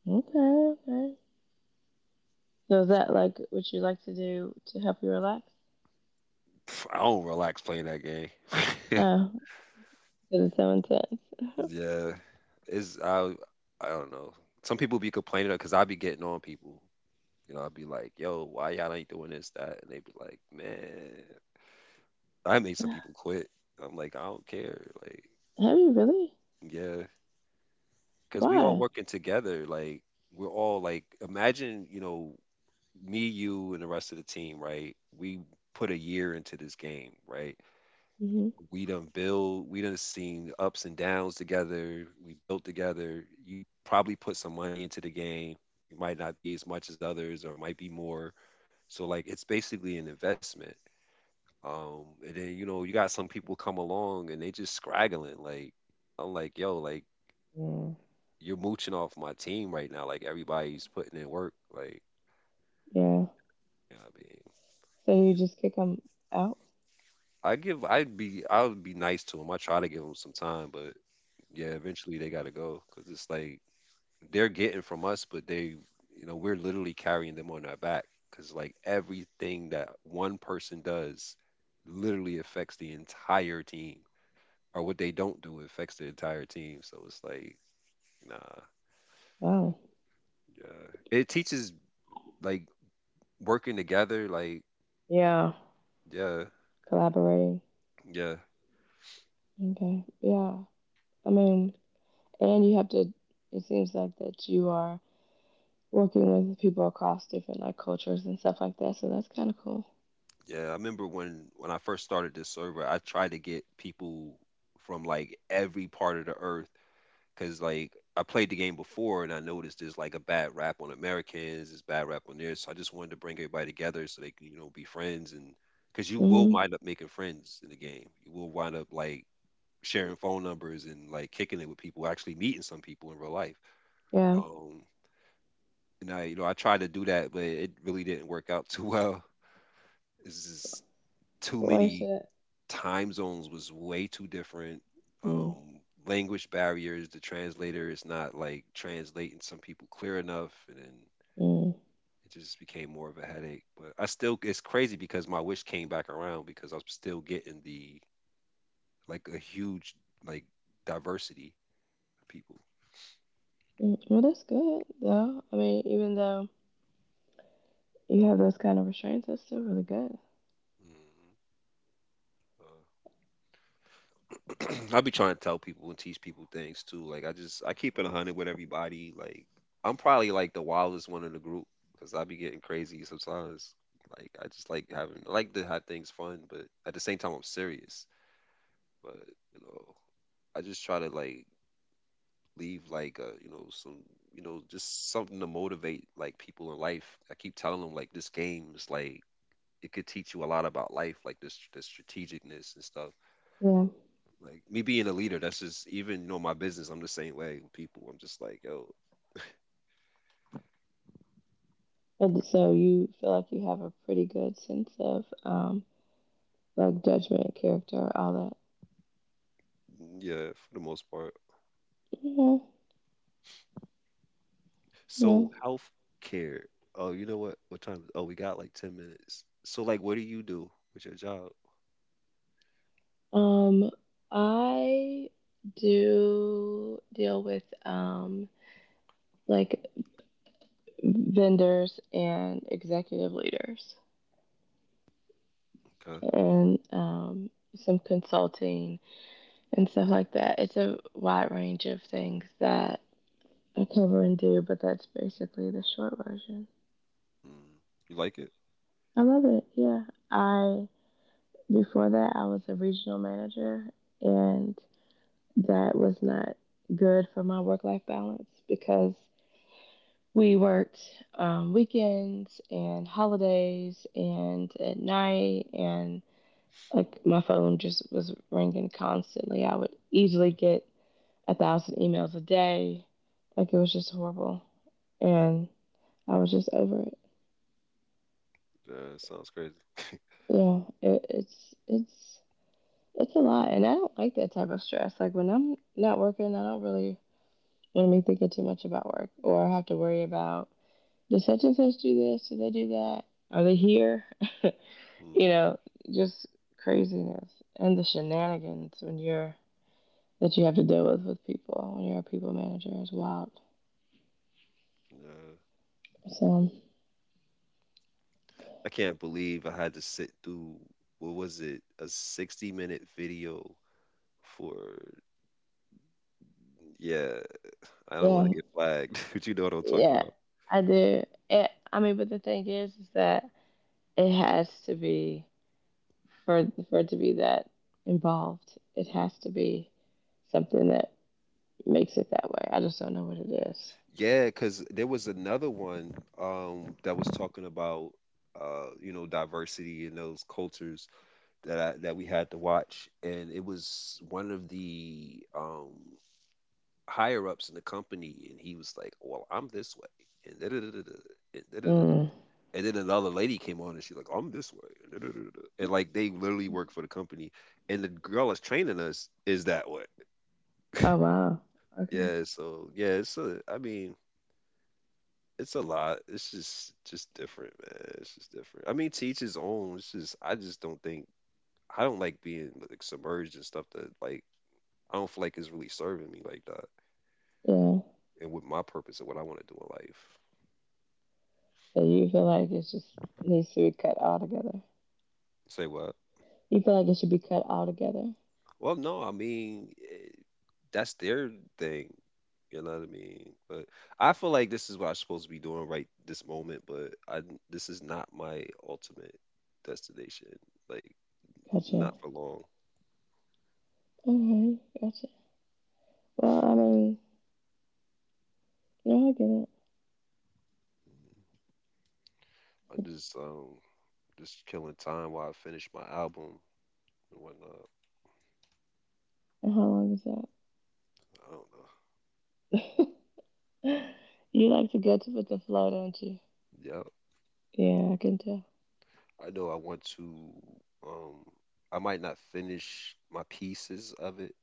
Okay, okay. So is that like what you like to do to help you relax? Pff, I don't relax playing that game. <laughs> Oh, because it's so intense. <sighs> Yeah, it's I I don't know. Some people be complaining because I be getting on people. You know, I'd be like, yo, why y'all ain't doing this, that? And they'd be like, man, I made some people <laughs> quit. I'm like, I don't care. Like, Have you really? yeah, because we all Why? working together. Like, we're all like, imagine, you know, me, you, and the rest of the team, right? We put a year into this game, right? Hmm. We done build, we done seen ups and downs together. We built together. You probably put some money into the game. It might not be as much as others, or might be more. So like, it's basically an investment. Um, and then, you know, you got some people come along and they just scraggling. Like I'm like, yo, like Mm. you're mooching off my team right now. Like everybody's putting in work. Like, Yeah. you know what I mean, So you just kick them out? I give, I'd be, I would be nice to them. I try to give them some time, but yeah, eventually they gotta go because it's like they're getting from us, but they, you know, we're literally carrying them on our back because like everything that one person does literally affects the entire team, or what they don't do affects the entire team. So it's like, nah, Wow. yeah. It teaches like working together, like Yeah. yeah, Collaborating. yeah, Okay. Yeah. I mean, and you have to, it seems like that you are working with people across different like cultures and stuff like that. So that's kind of cool. yeah. I remember when when I first started this server, I tried to get people from like every part of the earth because like I played the game before and I noticed there's like a bad rap on Americans, there's bad rap on there, so I just wanted to bring everybody together so they can, you know, be friends. And because you will Hmm. wind up making friends in the game, you will wind up like sharing phone numbers and like kicking it with people, actually meeting some people in real life. Yeah. Um, And I, you know, I tried to do that, but it really didn't work out too well. It's just too But why you many said, time zones was way too different. mm. Um, language barriers, the translator is not like translating some people clear enough, and then Mm. it just became more of a headache. But I still, it's crazy because my wish came back around because I'm still getting the like a huge like diversity of people. Mm. Well, that's good though. I mean, even though you have those kind of restraints, that's still really good. Mhm. <clears throat> I be trying to tell people and teach people things too. Like I just I keep it a hundred with everybody. Like I'm probably like the wildest one in the group because I be getting crazy sometimes. Like I just like having I like to have things fun, but at the same time I'm serious. But you know, I just try to like leave like uh you know some, you know, just something to motivate like people in life. I keep telling them like this game is like it could teach you a lot about life, like this, the strategicness and stuff. Yeah. Like me being a leader, that's just even, you know, my business. I'm the same way with people. I'm just like, yo, And I so feel you feel like you have a pretty good sense of um like judgment, character, all like, mm, yeah, for the most part. that. Yeah. Yeah. So health care. Oh, you know what? What time? Oh, we got like ten minutes. So like, what do you do with your job? Um, I do deal with um like vendors and executive leaders Okay. and um some consulting and stuff like that. It's a wide range of things that I cover and do, but that's basically the short version. Mm. You like it? I love it. Yeah. I Before that I was a regional manager and that was not good for my work life balance because we worked um, weekends and holidays and at night and like my phone just was ringing constantly. I would easily get a thousand emails a day. Like it was just horrible. Mm. And I was just over it. Uh, sounds crazy. Yeah, it, it's it's it's a lot, and I don't like that type of stress. Like when I'm not working, I don't really want to be thinking too much about work, or I have to worry about did such and such do this? Did they do that? Are they here? <laughs> you Mm. know, just craziness and the shenanigans when you're that you have to deal with with people when you're a people manager is wild. Yeah. So I can't believe I had to sit through, what was it, a sixty minute video for? Yeah, I don't want to yeah, get flagged, <laughs> but you know what I'm talking yeah, about. I do. It, I mean, but the thing is, is that it has to be for for it to be that involved, it has to be something that makes it that way. I just don't know what it is. Yeah, because there was another one um, that was talking about, uh, you know, diversity in those cultures that I, that we had to watch, and it was one of the um, higher ups in the company, and he was like, "Well, I'm this way," and da da da da da. And da da da da. Mm. And then another lady came on and she's like, I'm this way. And da da da da. And like they literally work for the company. And the girl that's training us is that way. Oh wow. Okay. Yeah. So, yeah, it's a, I mean, it's a lot. It's just just different, man. It's just different. I mean, to each his own. It's just I just don't think I don't like being like submerged in stuff that like I don't feel like is really serving me like that, Yeah. and with my purpose and what I want to do in life. So you feel like it just needs to be cut all together. Say what? You feel like it should be cut all together. Well, no, I mean, eh, that's their thing. You know what I mean? But I feel like this is what I'm supposed to be doing right this moment. But I This is not my ultimate destination. Like, Gotcha. not for long. Okay. Gotcha. Well, I mean, yeah, I get it. Mm, I'm just um just killing time while I finish my album and whatnot. And how long is I don't that? <laughs> you like to go to with the flow, don't you? know. Yeah, I can tell. Yeah, I know I want to. Um, I might not finish my pieces of it.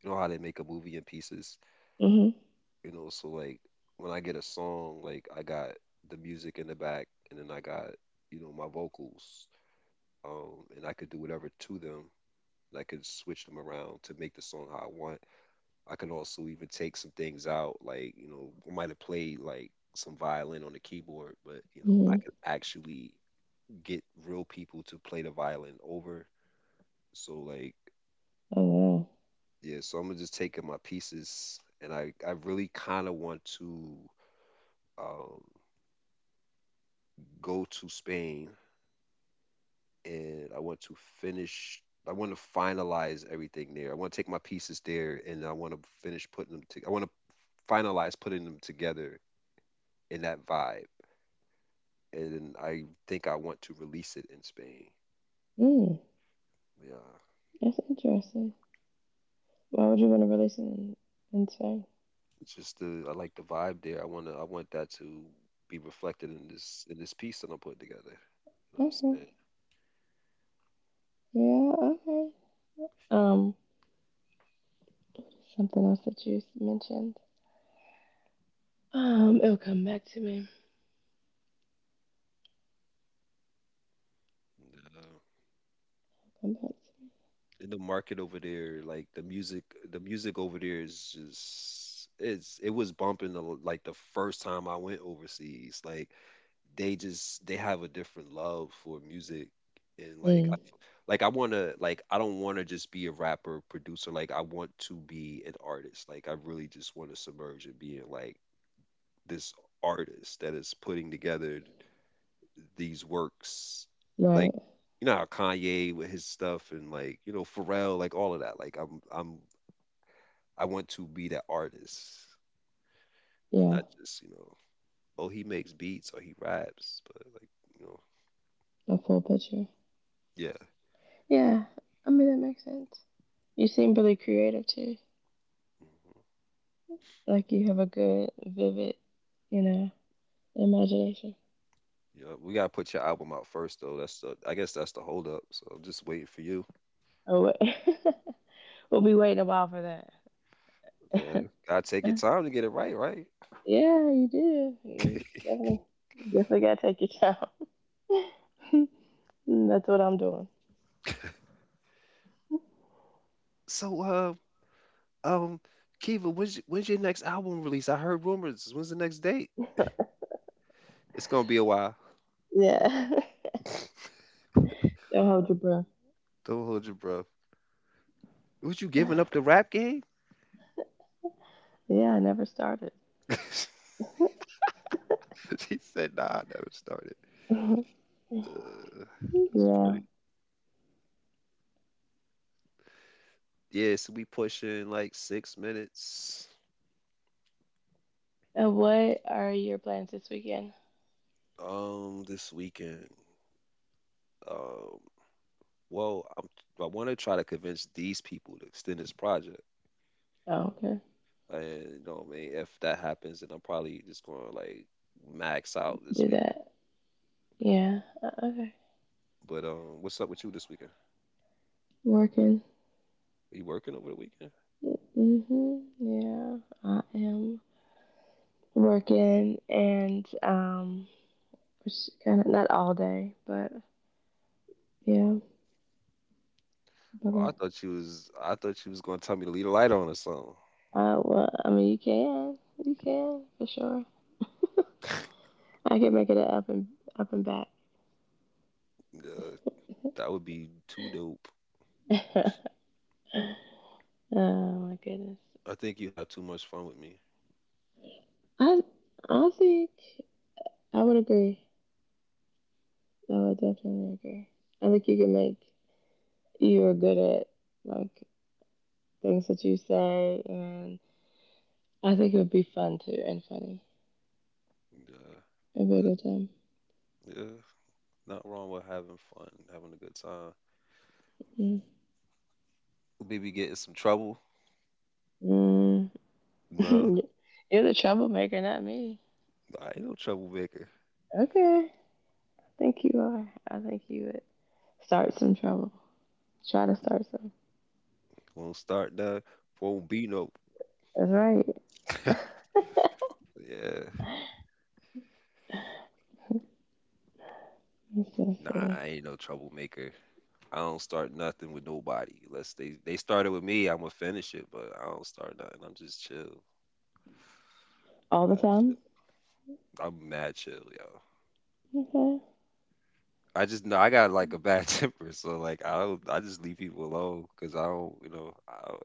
You know how they make a movie in pieces. Mhm. You know, so like when I get a song, like I got the music in the back, and then I got, you know, my vocals, um, and I could do whatever to them. And I could switch them around to make the song how I want. I can also even take some things out, like, you know, I might have played like some violin on the keyboard, but you know, I Mhm. can actually get real people to play the violin over. So like, Oh wow. yeah, so I'm gonna just taking my pieces, and I I really kind of want to, um, go to Spain, and I want to finish. I want to finalize everything there. I want to take my pieces there, and I want to finish putting them. To, I want to finalize putting them together in that vibe, and I think I want to release it in Spain. Mm. Yeah, That's interesting. Why would you want to release it in, in today? it's just the, I like the vibe there. I wanna I want that to be reflected in this in this piece that I'm putting together. You know what I'm Okay. saying? Yeah, okay. Um, something else that you mentioned. Um, it'll come back to me. And, uh, Come back in the market over there, like the music, the music over there is just, it's, it was bumping the, like the first time I went overseas. Like they just they have a different love for music and to like I, me. f- like I want to like I don't want to just be a rapper producer, like I want to be an artist. Like I really just want to submerge and be in like this artist that is putting together these works, Mm, like right. you know how Kanye with his stuff and like you know Pharrell, like all of that. Like I'm I'm I want to be that artist, Yeah. not just, you know, oh he makes beats or he raps, but like you know, A full picture. yeah, Yeah. I mean, that makes sense. You seem really creative too. mm-hmm. Like you have a good, vivid, you know, imagination. Yeah, we gotta put your album out first though. That's the, I guess that's the hold up. So I'm just waiting for you. Oh, wait. <laughs> we'll be waiting a while for that. Yeah, gotta take your <laughs> time to get it right, right? yeah, you do. You <laughs> definitely, definitely gotta take your time. <laughs> Mm, that's what I'm doing. so, uh, um, Kiva, when's y- when's your next album release? I heard rumors. When's the next date? It's gonna be a while. Yeah. <laughs> <laughs> Don't hold your breath. Don't hold your breath. Was you giving up the rap game? Yeah, I never started. <laughs> She said, "Nah, I never started." <laughs> Uh, that's yeah. funny. Yeah, so we pushing like six minutes. And what are your plans this weekend? Um, this weekend. Um, Well, I'm, I want to try to convince these people to extend this project. Oh, okay. And you know what I mean? If that happens, then I'm probably just going to like max out this Do weekend. that. Yeah. Uh, okay. But um, what's up with you this weekend? Working. Are you working over the weekend? Hmm. Yeah. I am working and, um, kind of not all day, but yeah. Oh, Bummer. I thought you was I thought you was going to tell me to leave the light on or something. Uh, well, I mean, you can. You can, for sure. <laughs> I can make it up and, up and back. Yeah, that would be too dope. <laughs> oh, my goodness. I think you had too much fun with me. I I think I would agree. I would definitely agree. I think you can make you're good at like things that you say, and I think it would be fun too and funny. Yeah, It'd be I a good just- time. yeah, not wrong with having fun, having a good time. Mm. Maybe get in some trouble. No, Mm. <laughs> you're the troublemaker, not me. I ain't no troublemaker. Okay, I think you are. I think you would start some trouble. Try to start some. Won't start nothing, won't be no. That's right. <laughs> That's <laughs> Yeah. so Nah, silly. I ain't no troublemaker. I don't start nothing with nobody. Unless they they started with me, I'ma finish it. But I don't start nothing. I'm just chill. All the Mad chill. time. I'm mad chill, yo. Okay. I just know I got like a bad <laughs> temper, so like I don't. I just leave people alone because I don't, you know, I don't,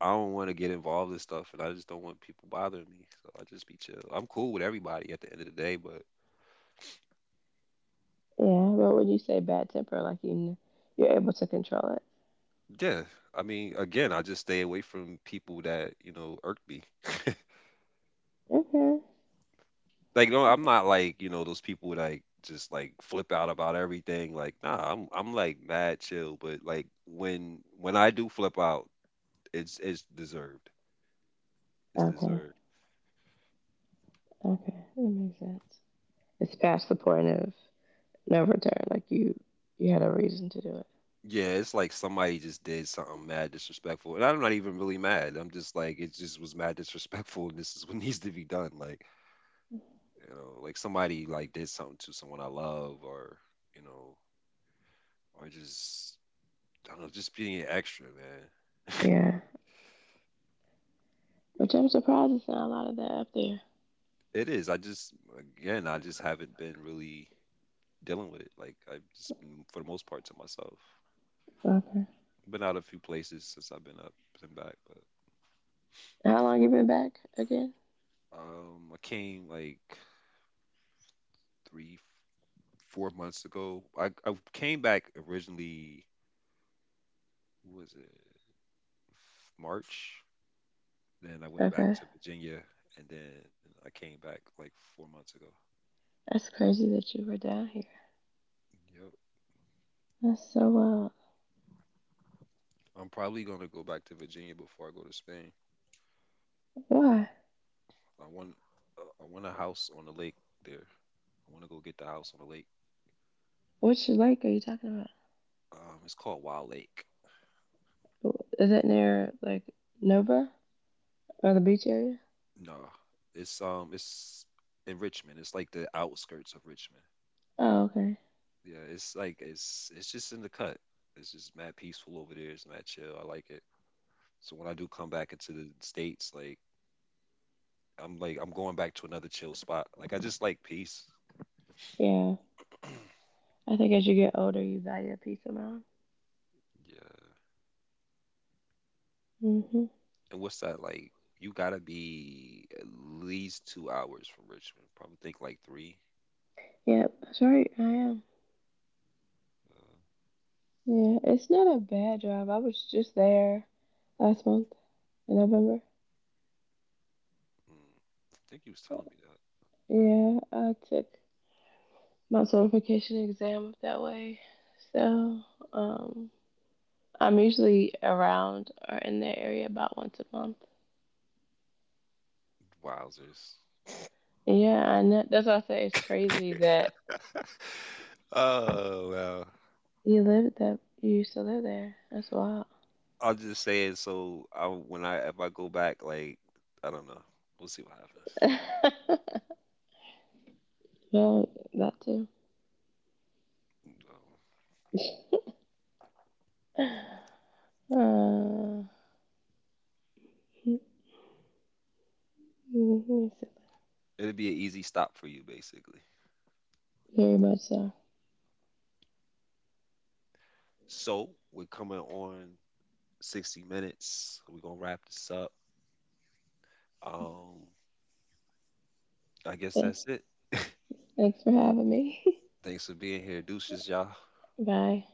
I don't want to get involved in stuff, and I just don't want people bothering me. So I just be chill. I'm cool with everybody at the end of the day, but Yeah, what would you say bad temper? Like you, kn- you're able to control it. yeah, I mean, again, I just stay away from people that, you know, irk me. <laughs> Okay. Like, no, I'm not like, you know, those people that like just like flip out about everything. Like, nah, I'm I'm like mad chill, but like when when I do flip out, it's it's deserved. It's Okay. deserved. Okay. That makes sense. It's past the point of no return. Like you, you had a reason to do it. Yeah, it's like somebody just did something mad disrespectful. And I'm not even really mad. I'm just like it just was mad <laughs> disrespectful and this is what needs to be done. Like, you know, like somebody like did something to someone I love, or you know, or just I don't know, just being extra, man. <laughs> Yeah. Which I'm surprised it's not a lot of that up there. It is. I just, again, I just haven't been really dealing with it. Like, I've just been, for the most part, to myself. Okay. Been out a few places since I've been up and back, but How long you been back again? um, I came like three, f- four months ago. I, I came back originally, what was it, March? Then I went back Okay. to Virginia, and then I came back like four months ago. That's crazy that you were down here. Yep. That's so wild. I'm probably gonna go back to Virginia before I go to Spain. Why? I want uh, I want a house on the lake there. I want to go get the house on the lake. Which lake are you talking about? Um, it's called Wild Lake. Is that near like Nova or the beach area? No, it's um, it's in Richmond. It's like the outskirts of Richmond. Oh, okay. Yeah, it's like it's it's just in the cut. It's just mad peaceful over there. It's mad chill. I like it. So when I do come back into the states, like I'm like I'm going back to another chill spot. Like I just like peace. Yeah. <clears throat> I think as you get older, you value a peace of mind. Yeah. Hmm. And what's that like? You gotta be at least two hours from Richmond. Probably think like three. Yep, that's right. I am. Yeah, it's not a bad job. I was just there last month in November. Mm, I think he was telling me that. Yeah, I took my certification exam that way. So, um, I'm usually around or in that area about once a month. Wowzers. Yeah, and that, that's why I say it's crazy that <laughs> Oh well, you lived that you used to live there. That's wild. I will just say it. So I, when I if I go back, like I don't know, we'll see what happens. <laughs> well, that too. Um, Uh, hmm. Mhm. It'd be an easy stop for you, basically. Very much so. So we're coming on sixty minutes. We're gonna wrap this up. Um, I guess But that's it. <laughs> thanks for having me. Thanks for being here, deuces, y'all. <laughs> Bye.